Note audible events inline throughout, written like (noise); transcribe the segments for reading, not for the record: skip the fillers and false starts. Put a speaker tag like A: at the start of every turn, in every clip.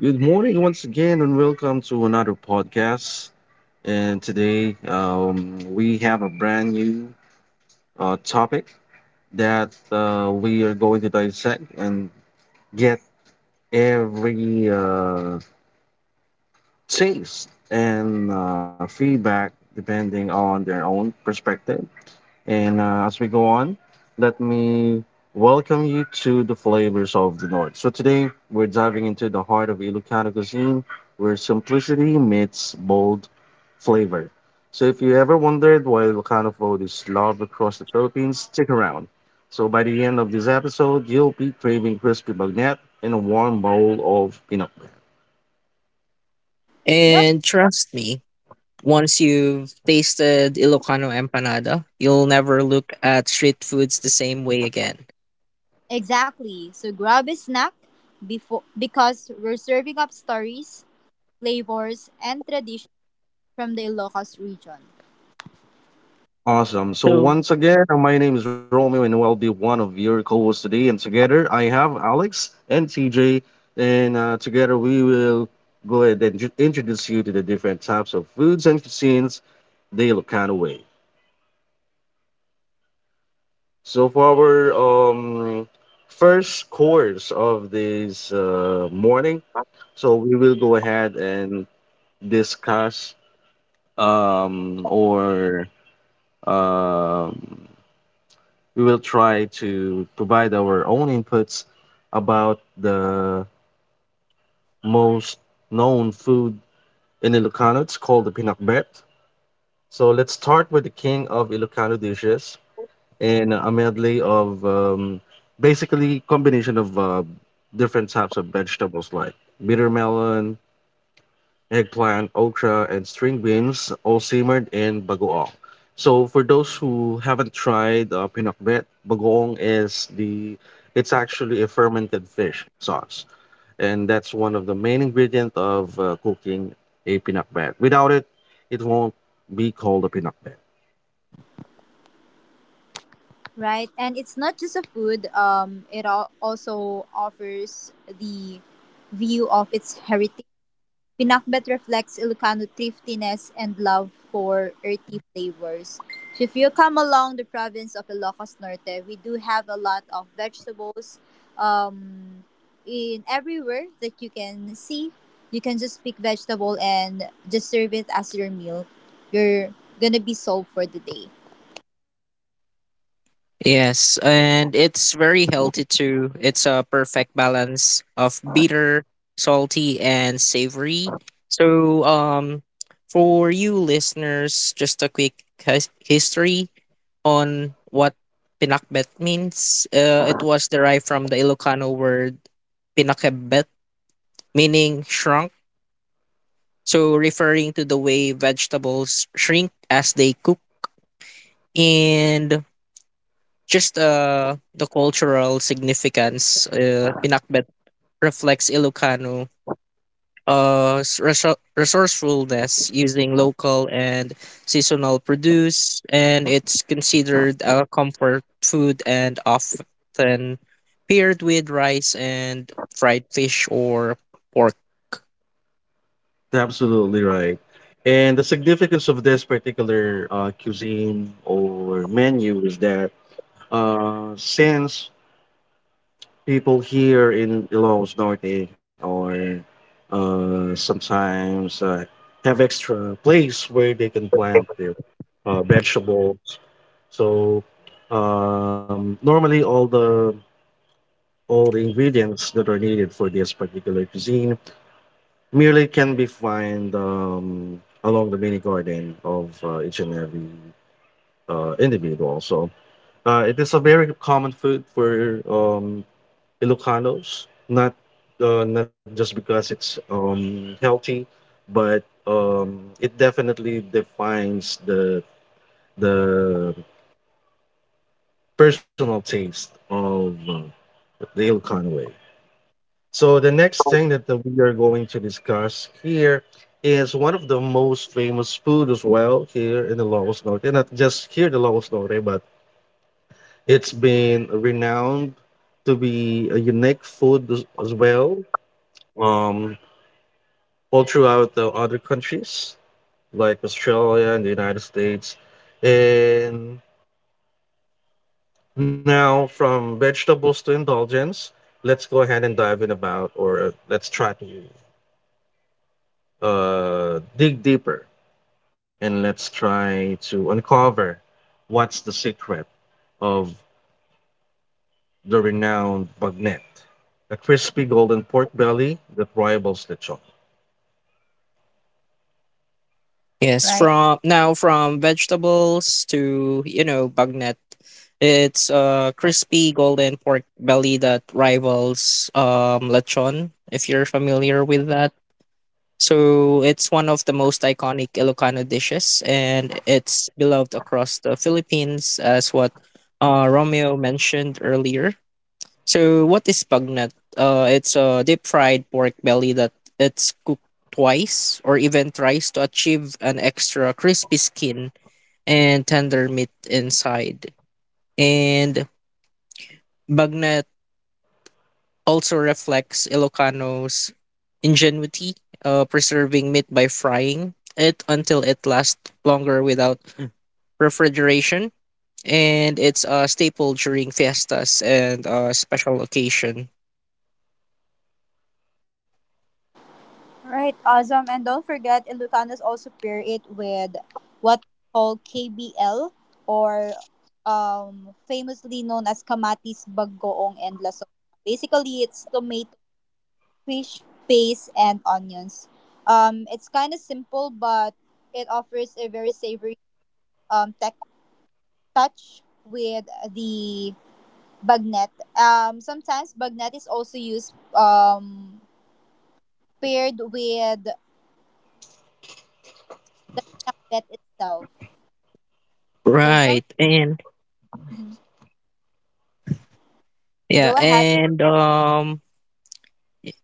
A: Good morning once again, and welcome to another podcast. And today, we have a brand new topic that we are going to dissect and get every taste and feedback depending on their own perspective. And as we go on, let me welcome you to the flavors of the North. So today we're diving into the heart of Ilocano cuisine, where simplicity meets bold flavor. So if you ever wondered why Ilocano food is loved across the Philippines, stick around. So by the end of this episode, you'll be craving crispy bagnet and a warm bowl of pinok.
B: Yup,
C: And trust me, once you've tasted Ilocano empanada, you'll never look at street foods the same way again.
B: exactly. So grab a snack before because we're serving up stories, flavors, and traditions from the Ilocos region,
A: Awesome. So
C: So
A: once again, my name is Romeo, and I'll be one of your co-hosts today. And together, I have Alex and TJ, and together we will go ahead and introduce you to the different types of foods and cuisines they look kind of way. So for our um, first course of this morning, so we will go ahead and discuss or um, we will try to provide our own inputs about the most known food in Ilocano. It's called the pinakbet. So let's start with the king of Ilocano dishes and a medley of basically combination of different types of vegetables like bitter melon, eggplant, okra, and string beans all simmered in bagoong. So for those who haven't tried pinakbet, bagoong is the it's actually a fermented fish sauce, and that's one of the main ingredient of cooking a pinakbet. Without it, it won't be called a pinakbet.
B: right? And it's not just a food. It al- also offers the view of its heritage. Pinakbet reflects Ilocano thriftiness and love for earthy flavors. So if you come along the province of Ilocos Norte, we do have a lot of vegetables um, in everywhere that you can see. You can just pick vegetable and just serve it as your meal. You're gonna be sold for the day,
C: yes, and it's very healthy too. It's a perfect balance of bitter, salty, and savory. So, for you listeners, just a quick history on what pinakbet means. It was derived from the Ilocano word pinakbet, meaning shrunk, so referring to the way vegetables shrink as they cook. And just the cultural significance, pinakbet reflects Ilocano resourcefulness using local and seasonal produce, and it's considered a comfort food and often paired with rice and fried fish or pork.
A: Absolutely right. And the significance of this particular cuisine or menu is that since people here in Ilocos Norte or sometimes have extra place where they can plant their vegetables. So normally all the ingredients that are needed for this particular cuisine merely can be found along the mini garden of each and every individual. So it is a very common food for Ilocanos, not not just because it's healthy, but it definitely defines the personal taste of the Ilocano way. So the next thing that we are going to discuss here is one of the most famous food as well here in the Lagos Norte. And not just here in the Lagos Norte, but it's been renowned to be a unique food as well um, all throughout the other countries like Australia and the United States. And now from vegetables to indulgence, let's go ahead and dive in about or let's try to dig deeper and let's try to uncover what's the secret of the renowned bagnet, a crispy golden pork belly that rivals lechon.
C: Yes,
B: right?
C: from now from vegetables to bagnet, it's a crispy golden pork belly that rivals lechon, if you're familiar with that. So it's one of the most iconic Ilocano dishes, and it's beloved across the Philippines, as what Romeo mentioned earlier. So what is bagnet? It's a deep fried pork belly that it's cooked twice or even thrice to achieve an extra crispy skin and tender meat inside. And bagnet also reflects Ilocanos' ingenuity, preserving meat by frying it until it lasts longer without refrigeration. And it's a staple during fiestas and special occasion.
B: Right, awesome. And don't forget, Ilocanos also pair it with what we call KBL or famously known as Kamatis, Bagoong, and Lasona. Basically, it's tomato, fish, paste, and onions. It's kind of simple, but it offers a very savory tech touch with the bagnet. Sometimes bagnet is also used paired with the pinakbet itself. So
C: Right. And
B: hmm
C: yeah,
B: Go ahead.
C: and i-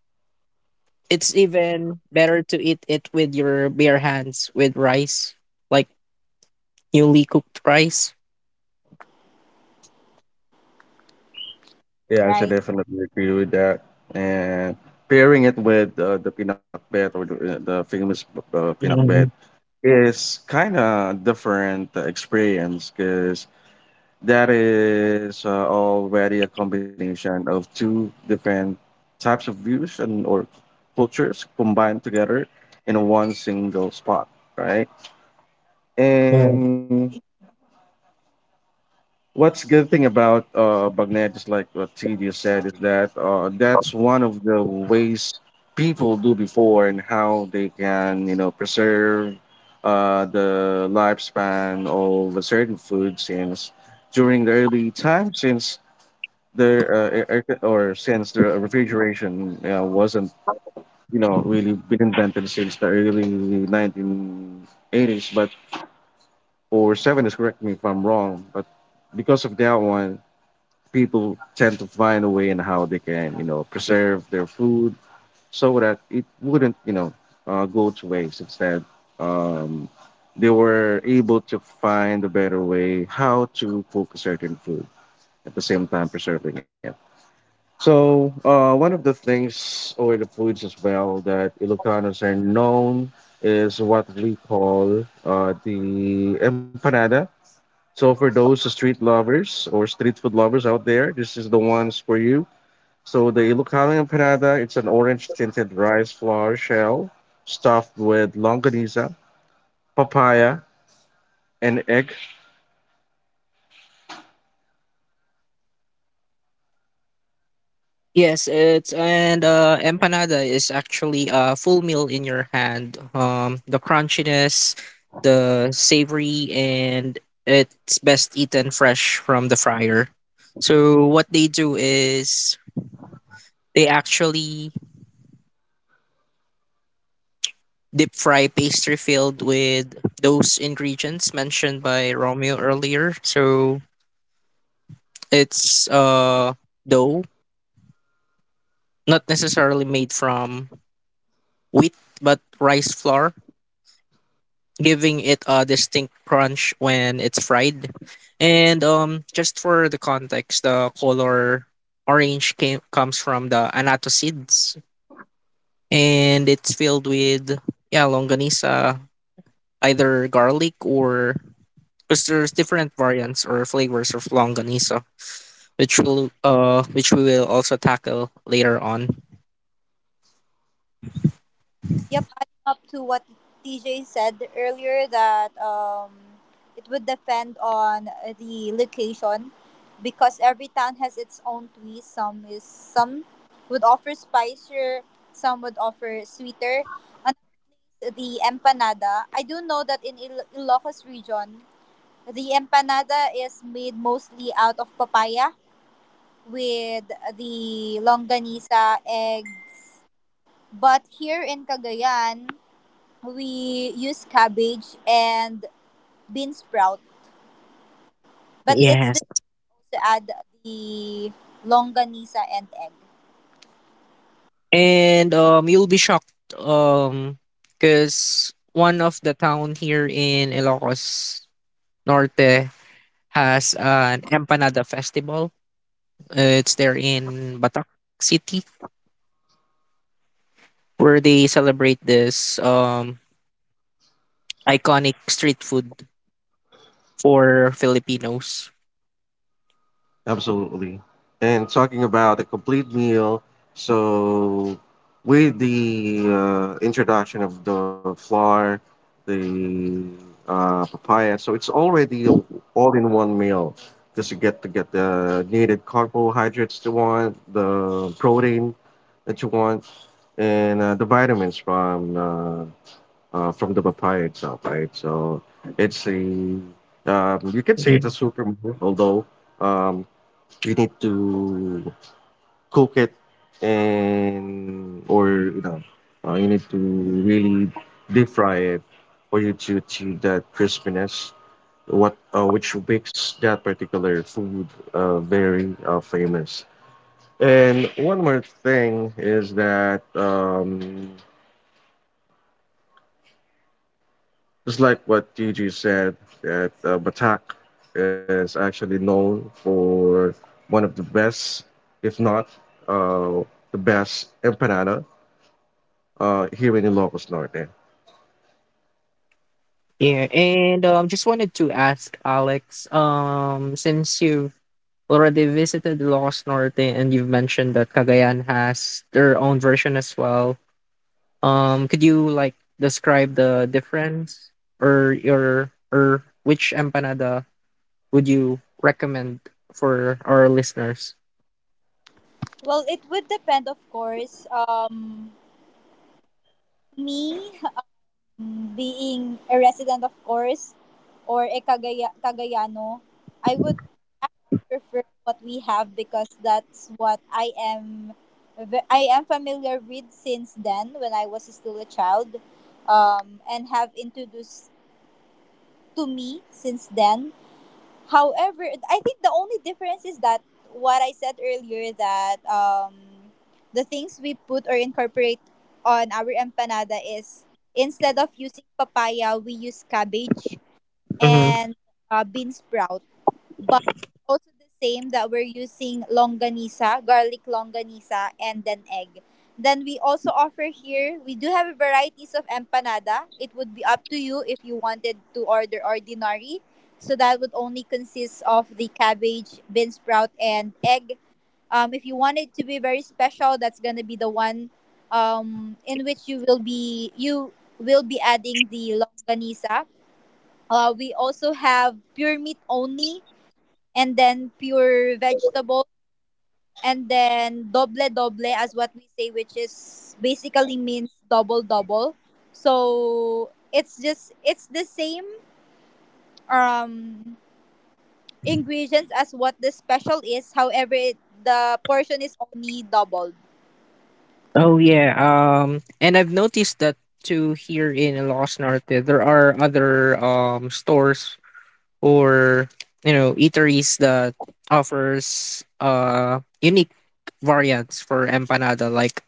C: it's even better to eat it with your bare hands with rice, like newly cooked rice.
A: Yeah, I should
B: Right.
A: definitely agree with that. And pairing it with the pinakbet or the famous pinakbet
C: Mhm.
A: is kind of different experience because that is already a combination of two different types of views and or cultures combined together in one single spot, right? And what's good thing about Bagnet is like what TD said is that that's one of the ways people do before and how they can, you know, preserve the lifespan of certain food since during the early time since their air, air co- or since the refrigeration wasn't, you know, really been invented since the early 1980s, but or 70s, correct me if I'm wrong, but because of that one, people tend to find a way in how they can, you know, preserve their food so that it wouldn't, you know, go to waste. Instead, um, they were able to find a better way how to cook a certain food at the same time preserving it. So, one of the things, or the foods as well, that Ilocanos are known is what we call the empanada. So, for those street lovers or street food lovers out there, this is the ones for you. So, the Ilocano empanada, it's an orange tinted rice flour shell stuffed with longaniza, papaya, and egg.
C: Yes, it's and empanada is actually a full meal in your hand. The crunchiness, the savory, and it's best eaten fresh from the fryer. So what they do is they actually deep fry pastry filled with those ingredients mentioned by Romeo earlier. So it's dough, not necessarily made from wheat but rice flour, giving it a distinct crunch when it's fried. And just for the context, the color orange comes from the annatto seeds, and it's filled with yeah longanisa, either garlic or because there's different variants or flavors of longanisa, which will which we will also tackle later on.
B: Yep. Adding up to what TJ said earlier that it would depend on the location because every town has its own twist. Some would offer spicier, some would offer sweeter. And the empanada, I do know that in Ilocos region, the empanada is made mostly out of papaya with the longanisa egg. But here in Cagayan, we use cabbage and bean sprout. But it's
C: Yes.
B: this also add the longanisa and egg.
C: And you'll be shocked um, because one of the town here in Ilocos Norte has an empanada festival. It's there in Batak City where they celebrate this iconic street food for Filipinos.
A: Absolutely. And talking about a complete meal, so with the introduction of the flour, the papaya, so it's already all in one meal because you get to get the needed carbohydrates you want, the protein that you want, and the vitamins from the papaya itself, right? So it's a you can say it's a
C: Yeah.
A: super meal, although. Um, you need to cook it and or you know you need to really deep fry it for you to achieve that crispiness what which makes that particular food very famous. And one more thing is that just like what Gigi said, that Batak is actually known for one of the best, if not uh, the best empanada here in Ilocos Norte.
C: Yeah, and just wanted to ask Alex, since you have already visited Los Norte and you've mentioned that Cagayan has their own version as well. Could you like describe the difference or your or which empanada would you recommend for our listeners?
B: Well, it would depend, of course. Me, being a resident, of course, or a Cagayano, I would actually prefer what we have because that's what I am. I am familiar with since then when I was still a child, and have introduced to me since then. However, I think the only difference is that what I said earlier that the things we put or incorporate on our empanada is instead of using papaya, we use cabbage
C: Mhm.
B: and bean sprout, but it's also the same that we're using longanisa, garlic longanisa, and then egg. Then we also offer here, we do have varieties of empanada. It would be up to you if you wanted to order ordinary. So that would only consist of the cabbage, bean sprout, and egg. If you want it to be very special, that's gonna be the one in which you will be adding the longanisa. We also have pure meat only and then pure vegetable, and then doble doble as what we say, which is basically means double double. So it's the same um ingredients as what the special is. However, it, the portion is only doubled.
C: Oh yeah. And I've noticed that too here in Los Norte, there are other stores or eateries that offers unique variants for empanada. Like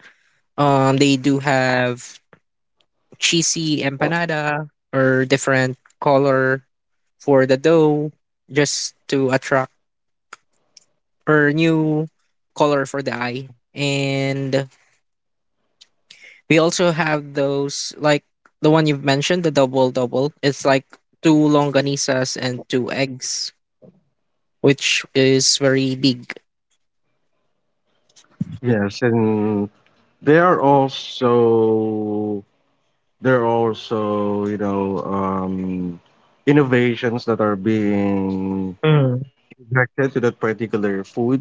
C: they do have cheesy empanada or different color for the dough just to attract or new color for the eye. And we also have those like the one you've mentioned, the double double. It's like two longanisas and two eggs, which is very big.
A: Yes, and they are also there are also you know innovations that are being
C: Mm,
A: injected to that particular food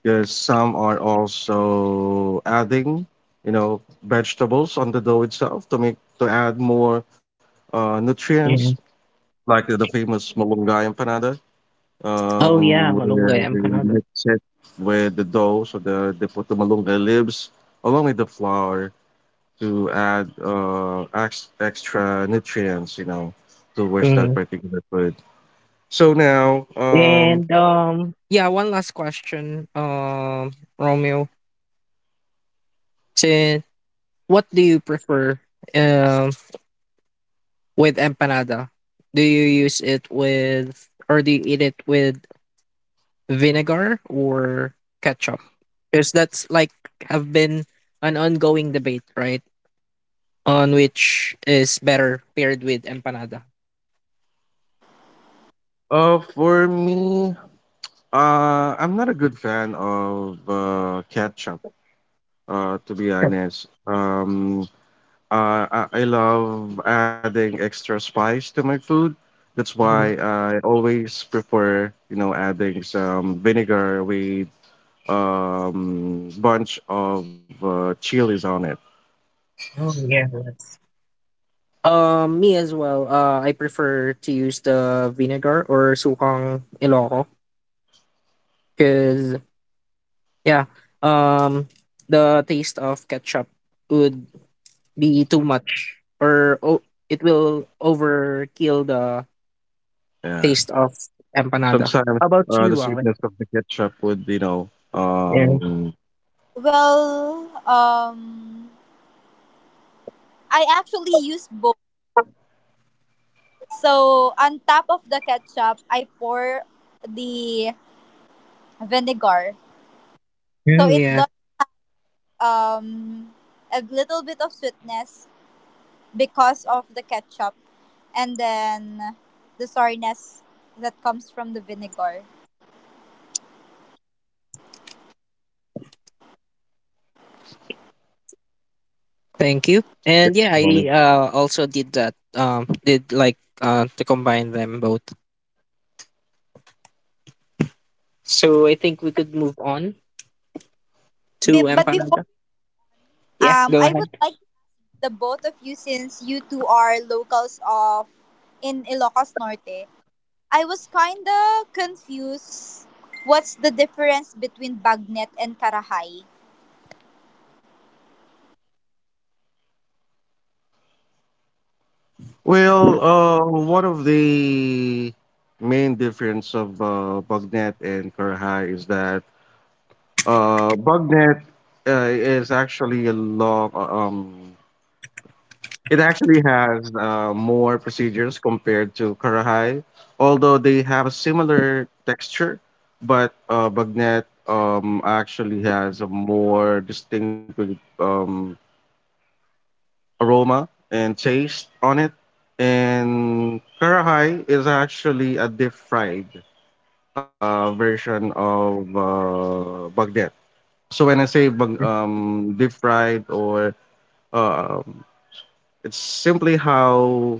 A: because some are also adding, you know, vegetables on the dough itself to make to add more nutrients,
C: yeah.
A: like the famous malunggay empanada,
C: Oh yeah,
A: where
C: malunggay
A: they
C: empanada.
A: mix it with the dough, so they put the malunggay leaves along with the flour to add extra nutrients, you know, towards that
C: Mm.
A: particular food. So now,
C: And yeah, one last question, Romeo. Since what do you prefer um with empanada? Do you use it with or do you eat it with vinegar or ketchup? Because that's like have been an ongoing debate, right? On which is better paired with empanada.
A: for me, I'm not a good fan of ketchup, to be honest. I love adding extra spice to my food. That's why
C: Mm.
A: I always prefer, you know, adding some vinegar with bunch of chilies on it.
C: Oh yeah, that's um, me as well. I prefer to use the vinegar or sukang Ilocco because yeah, um, the taste of ketchup would be too much, or oh, it will overkill the
A: Yeah.
C: taste of empanada.
A: Sometimes
C: How about
A: the
C: you, Alex?
A: sweetness of the ketchup would, you know,
C: Yeah.
A: um,
B: Well, I actually use both. So on top of the ketchup, I pour the vinegar. So
C: Mm,
B: it
C: yeah.
B: does um, a little bit of sweetness because of the ketchup, and then the sourness that comes from the vinegar.
C: Thank you. And yeah,
A: yeah.
C: I also did that. Did like to combine them both. So I think we could move on
B: Be-
C: to
B: but before,
C: empanada. Yeah, go
B: I would
C: ahead.
B: like the both of you, since you two are locals of in Ilocos Norte, I was kind of confused. What's the difference between bagnet and karahay?
A: Well, one of the main difference of Bugnet and Kurhai is that Bugnet is actually a long. It actually has more procedures compared to Kurhai, although they have a similar texture, but Bugnet actually has a more distinctive aroma and taste on it. And karahai is actually a deep fried version of bagdet. So when I say deep fried or um, it's simply how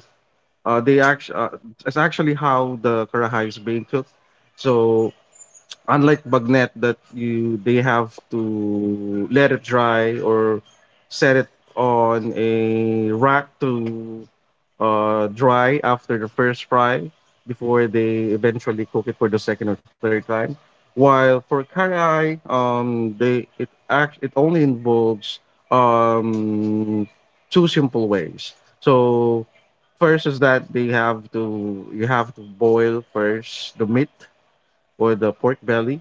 A: they act. It's actually how the karahai is being cooked. So unlike bagnet that you they have to let it dry or set it on a rack to dry after the first fry before they eventually cook it for the second or third time, while for karai they it only involves um two simple ways. So first is that they have to you have to boil first the meat or the pork belly,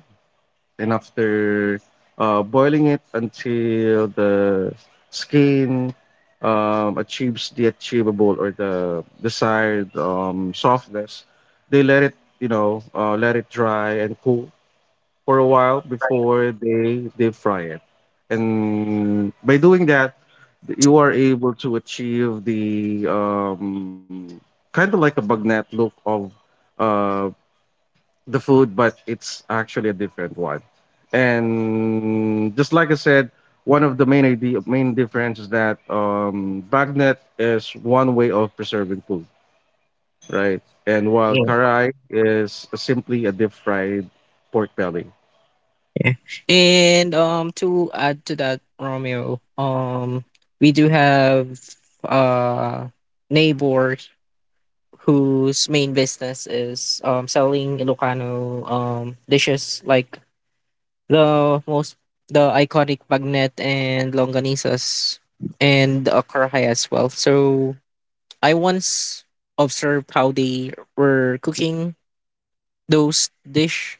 A: and after boiling it until the skin achieves the achievable or the desired softness, they let it, you know, let it dry and cool for a while before they deep fry it. And by doing that, you are able to achieve the kind of like a bagnet look of uh, the food, but it's actually a different one. And just like I said, one of the main idea, main difference is that bagnet is one way of preserving food, right? And while
C: Yeah.
A: karai is simply a deep fried pork belly,
C: Yeah. And to add to that, Romeo, we do have uh neighbor whose main business is selling Ilocano dishes like the most the iconic bagnet and longanisas and karhay as well. So I once observed how they were cooking those dish.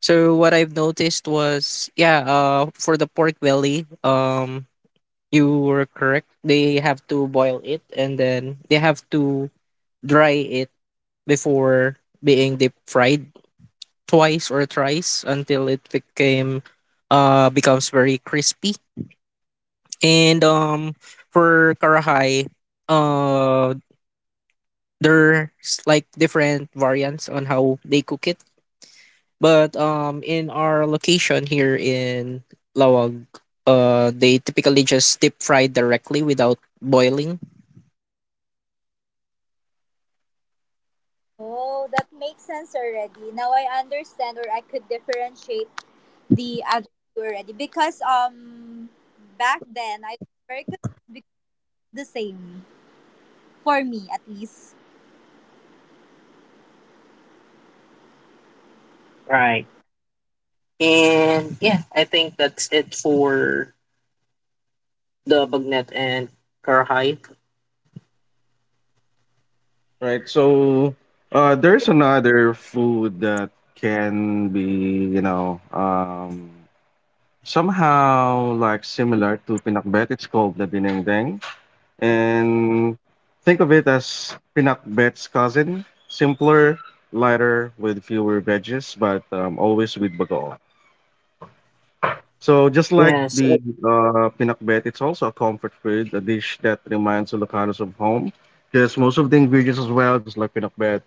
C: So what I've noticed was yeah, for the pork belly, you were correct. They have to boil it, and then they have to dry it before being deep fried twice or thrice until it became becomes very crispy. And for karahai, uh there's like different variants on how they cook it. But in our location here in Lawag, they typically just deep fry directly without boiling.
B: Oh, that makes sense already. Now I understand, or I could differentiate the other two already because back then I was very confused because the same for me at least.
C: Right. And yeah, I think that's it for the bagnet and karahai.
A: right?
B: I think
A: So there's another food that can be, you know, somehow like similar to pinakbet. It's called the dinengdeng. And think of it as pinakbet's cousin, simpler, lighter, with fewer veggies, but always with bagoong. So just like
C: Yes,
A: the pinakbet, it's also a comfort food, a dish that reminds Ilocanos of home, because most of the ingredients as well, just like pinakbet,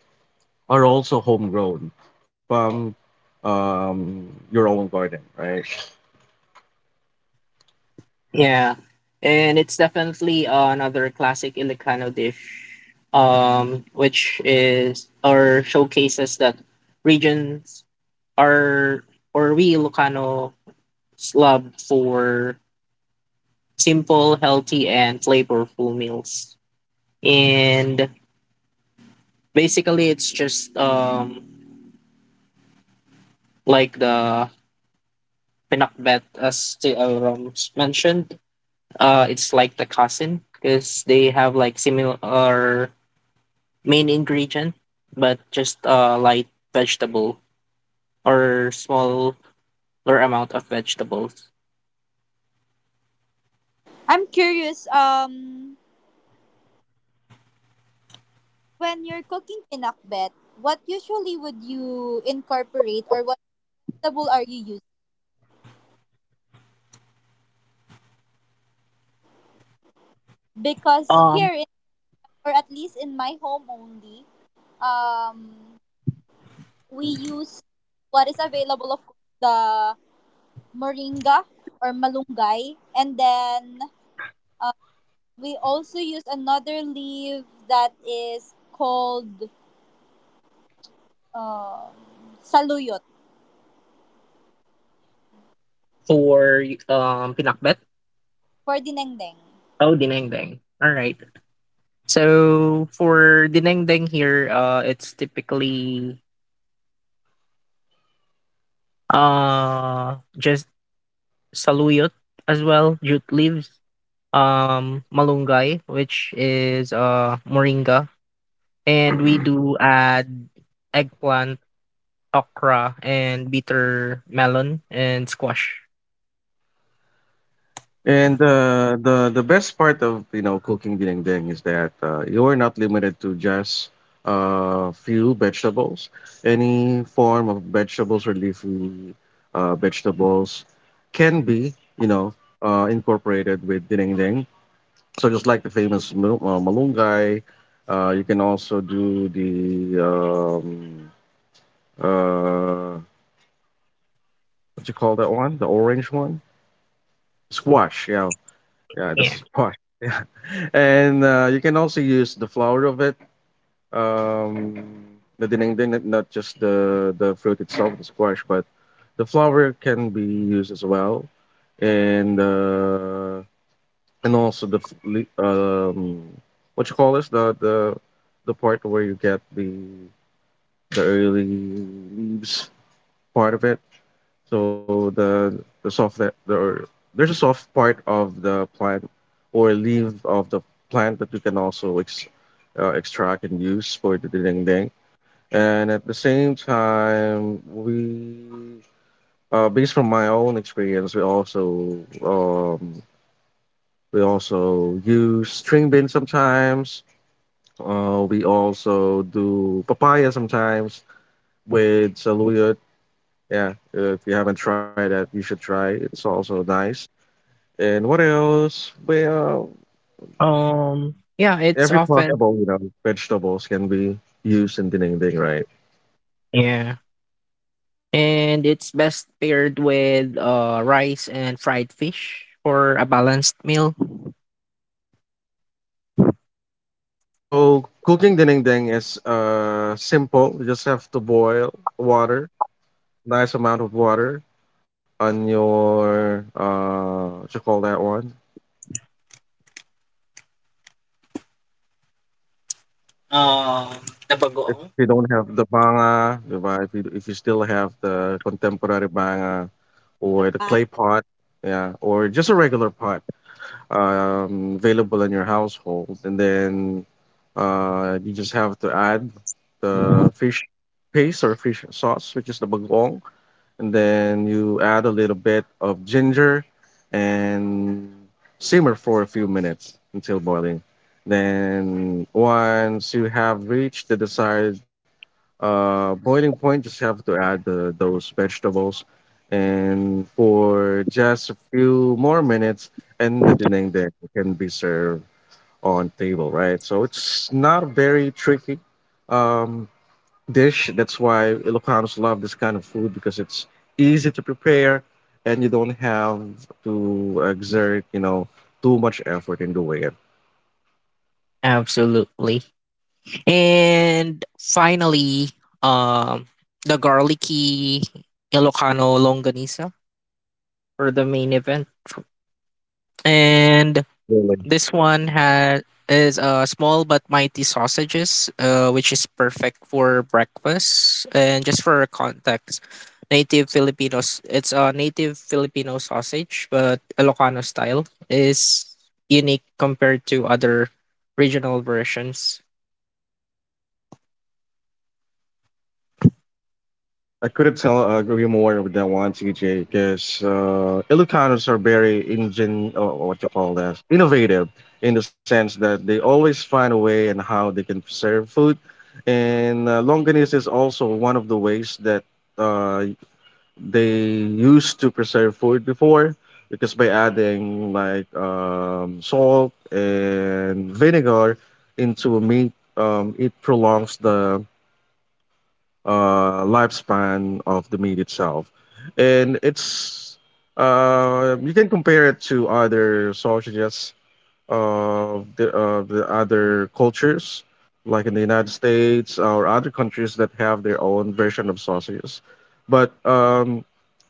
A: are also homegrown from um, your own garden, right?
C: yeah, and it's definitely another classic Ilocano dish, which is or showcases that regions are or we Ilocano love for simple, healthy, and flavorful meals. And basically, it's just like the pinakbet, as the Rams mentioned. It's like the cousin because they have like similar main ingredient, but just a light vegetable or smaller amount of vegetables.
B: I'm curious when you're cooking pinakbet, what usually would you incorporate or what vegetable are you using? Because
C: Um,
B: or at least in my home only, um we use what is available, of course the moringa or malunggay, and then we also use another leaf that is called um, saluyot
C: for pinakbet.
B: for dinengdeng.
C: Oh, dinengdeng. All right. So for dinengdeng here, it's typically just saluyot as well, jute leaves, malunggay, which is moringa, and we do add eggplant, okra, and bitter melon and squash.
A: And the best part of you know cooking dinengdeng is that you're not limited to just a few vegetables. Any form of vegetables or leafy vegetables can be you know incorporated with dinengdeng. So just like the famous malunggay, you can also do the um, uh, what you call that one, the orange one, squash. Yeah, yeah, this
C: Yeah.
A: is why. (laughs) Yeah. And you can also use the flour of it, um, the dinengding, not just the fruit itself, the squash, but the flour can be used as well. And also what you call this the the part where you get the early leaves part of it. So the soft that the there's a soft part of the plant or leaf of the plant that you can also extract and use for the ding ding. And at the same time, we based from my own experience, um, we also use string beans sometimes. We also do papaya sometimes with saluyot. Yeah, if you haven't tried that, you should try. It's also nice. And what else? Well,
C: Um, yeah, it's
A: every
C: often
A: possible, you know, vegetables can be used in dinding, right?
C: yeah. And it's best paired with rice and fried fish for a balanced meal.
A: So cooking dinding is simple. You just have to boil water, nice amount of water on your what you call that one.
C: Um, the bagoong.
A: If you don't have the banga, diba? If you still have the contemporary banga
B: The
A: or the
B: pat.
A: clay pot, yeah, or just a regular pot available in your household, and then you just have to add the fish paste or fish sauce, which is the bagoong, and then you add a little bit of ginger and simmer for a few minutes until boiling. Then once you have reached the desired boiling point just have to add those vegetables and for just a few more minutes, and the dinding then can be served on table, right? So it's not very tricky um dish. That's why Ilocanos love this kind of food because it's easy to prepare and you don't have to exert, you know, too much effort in doing it.
C: Absolutely. And finally, um the garlicky Ilocano longanisa for the main event. And
A: Absolutely.
C: this one has is small but mighty sausages, which is perfect for breakfast. And just for context, native Filipinos, it's a native Filipino sausage, but Ilocano style is unique compared to other regional versions.
A: I couldn't tell agree more with that one, TJ, because Ilocanos are very ingen, or what you call that, innovative in the sense that they always find a way and how they can serve food. And longanisa is also one of the ways that uh, they used to preserve food before, because by adding like salt and vinegar into a meat, it prolongs the lifespan of the meat itself, and it's you can compare it to other sausages of the other cultures, like in the United States or other countries that have their own version of sausages. But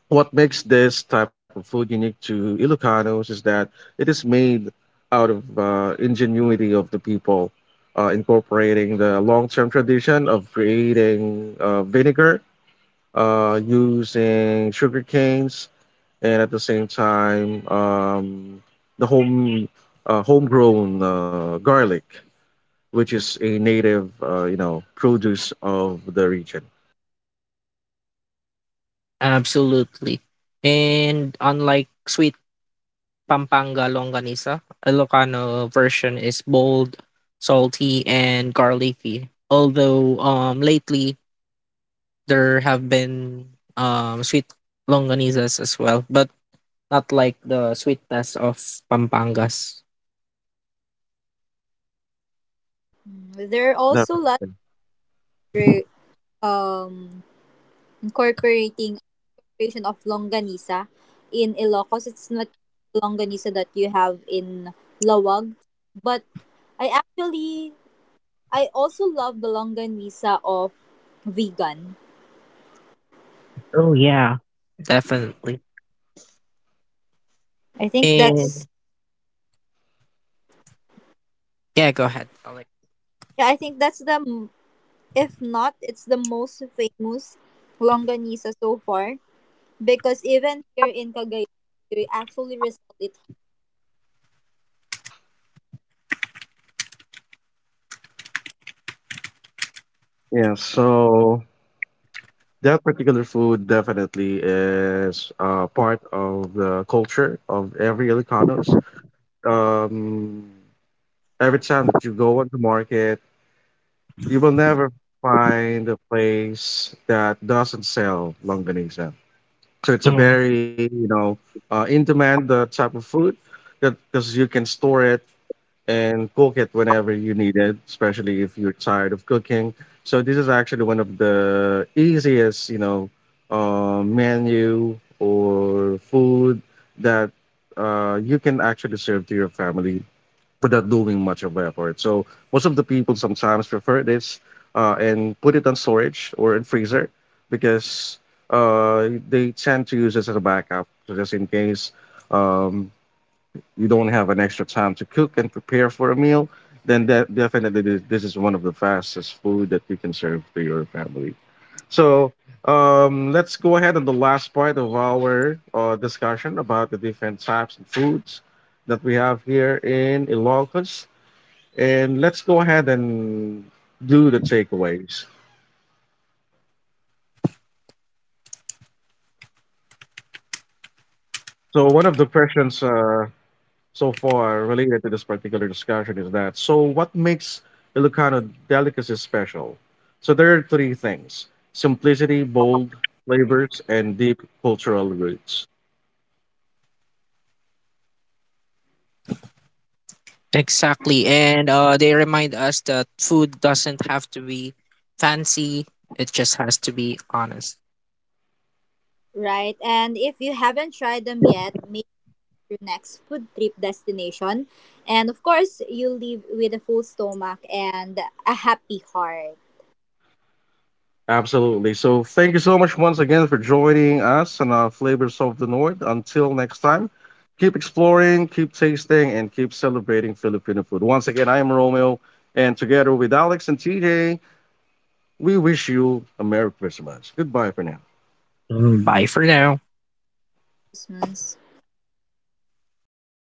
A: what makes this type of food unique to Ilocanos is that it is made out of ingenuity of the people, incorporating the long-term tradition of creating vinegar using sugar canes, and at the same time the homegrown garlic, which is a native, you know, produce of the region.
C: Absolutely, and unlike sweet Pampanga longanisa, Ilocano version is bold, salty, and garlicky. Although lately there have been sweet longanizas as well, but not like the sweetness of Pampangas.
B: Mm, there are also lots
A: Definitely.
B: re- um, incorporating operation of longanisa. In Ilocos, it's not longanisa that you have in Lawag, but I actually I also love the longanisa of vegan.
C: Oh yeah, definitely.
B: I think
C: And
B: that's
C: yeah, go ahead, Alec.
B: Yeah, I think that's the, if not, it's the most famous longanisa so far because even here in Cagayan, we actually resell it,
A: Yeah. So that particular food definitely is part of the culture of every Ilocanos. Um, every time that you go on the market, you will never find a place that doesn't sell longanisa. So it's a
C: Yeah.
A: very, you know, in demand type of food that, because you can store it and cook it whenever you need it, especially if you're tired of cooking. So this is actually one of the easiest, you know, menu or food that you can actually serve to your family without doing much of effort. So most of the people sometimes prefer this and put it on storage or in freezer because they tend to use this as a backup, so just in case. Um, you don't have an extra time to cook and prepare for a meal, then that definitely this is one of the fastest food that you can serve to your family. So let's go ahead on the last part of our discussion about the different types of foods that we have here in Ilocos, and let's go ahead and do the takeaways. So one of the questions, so far related to this particular discussion is that, so what makes Ilocano delicacies special? So there are three things: simplicity, bold flavors, and deep cultural roots.
C: Exactly. And they remind us that food doesn't have to be fancy. It just has to be honest.
B: right? And if you haven't tried them yet, make your next food trip destination. And of course, you leave with a full stomach and a happy heart.
A: Absolutely. So thank you so much once again for joining us on Flavors of the North. Until next time, keep exploring, keep tasting, and keep celebrating Filipino food. Once again, I am Romeo, and together with Alex and TJ, we wish you a Merry Christmas. Goodbye for now.
C: Mm, bye for now.
B: Christmas.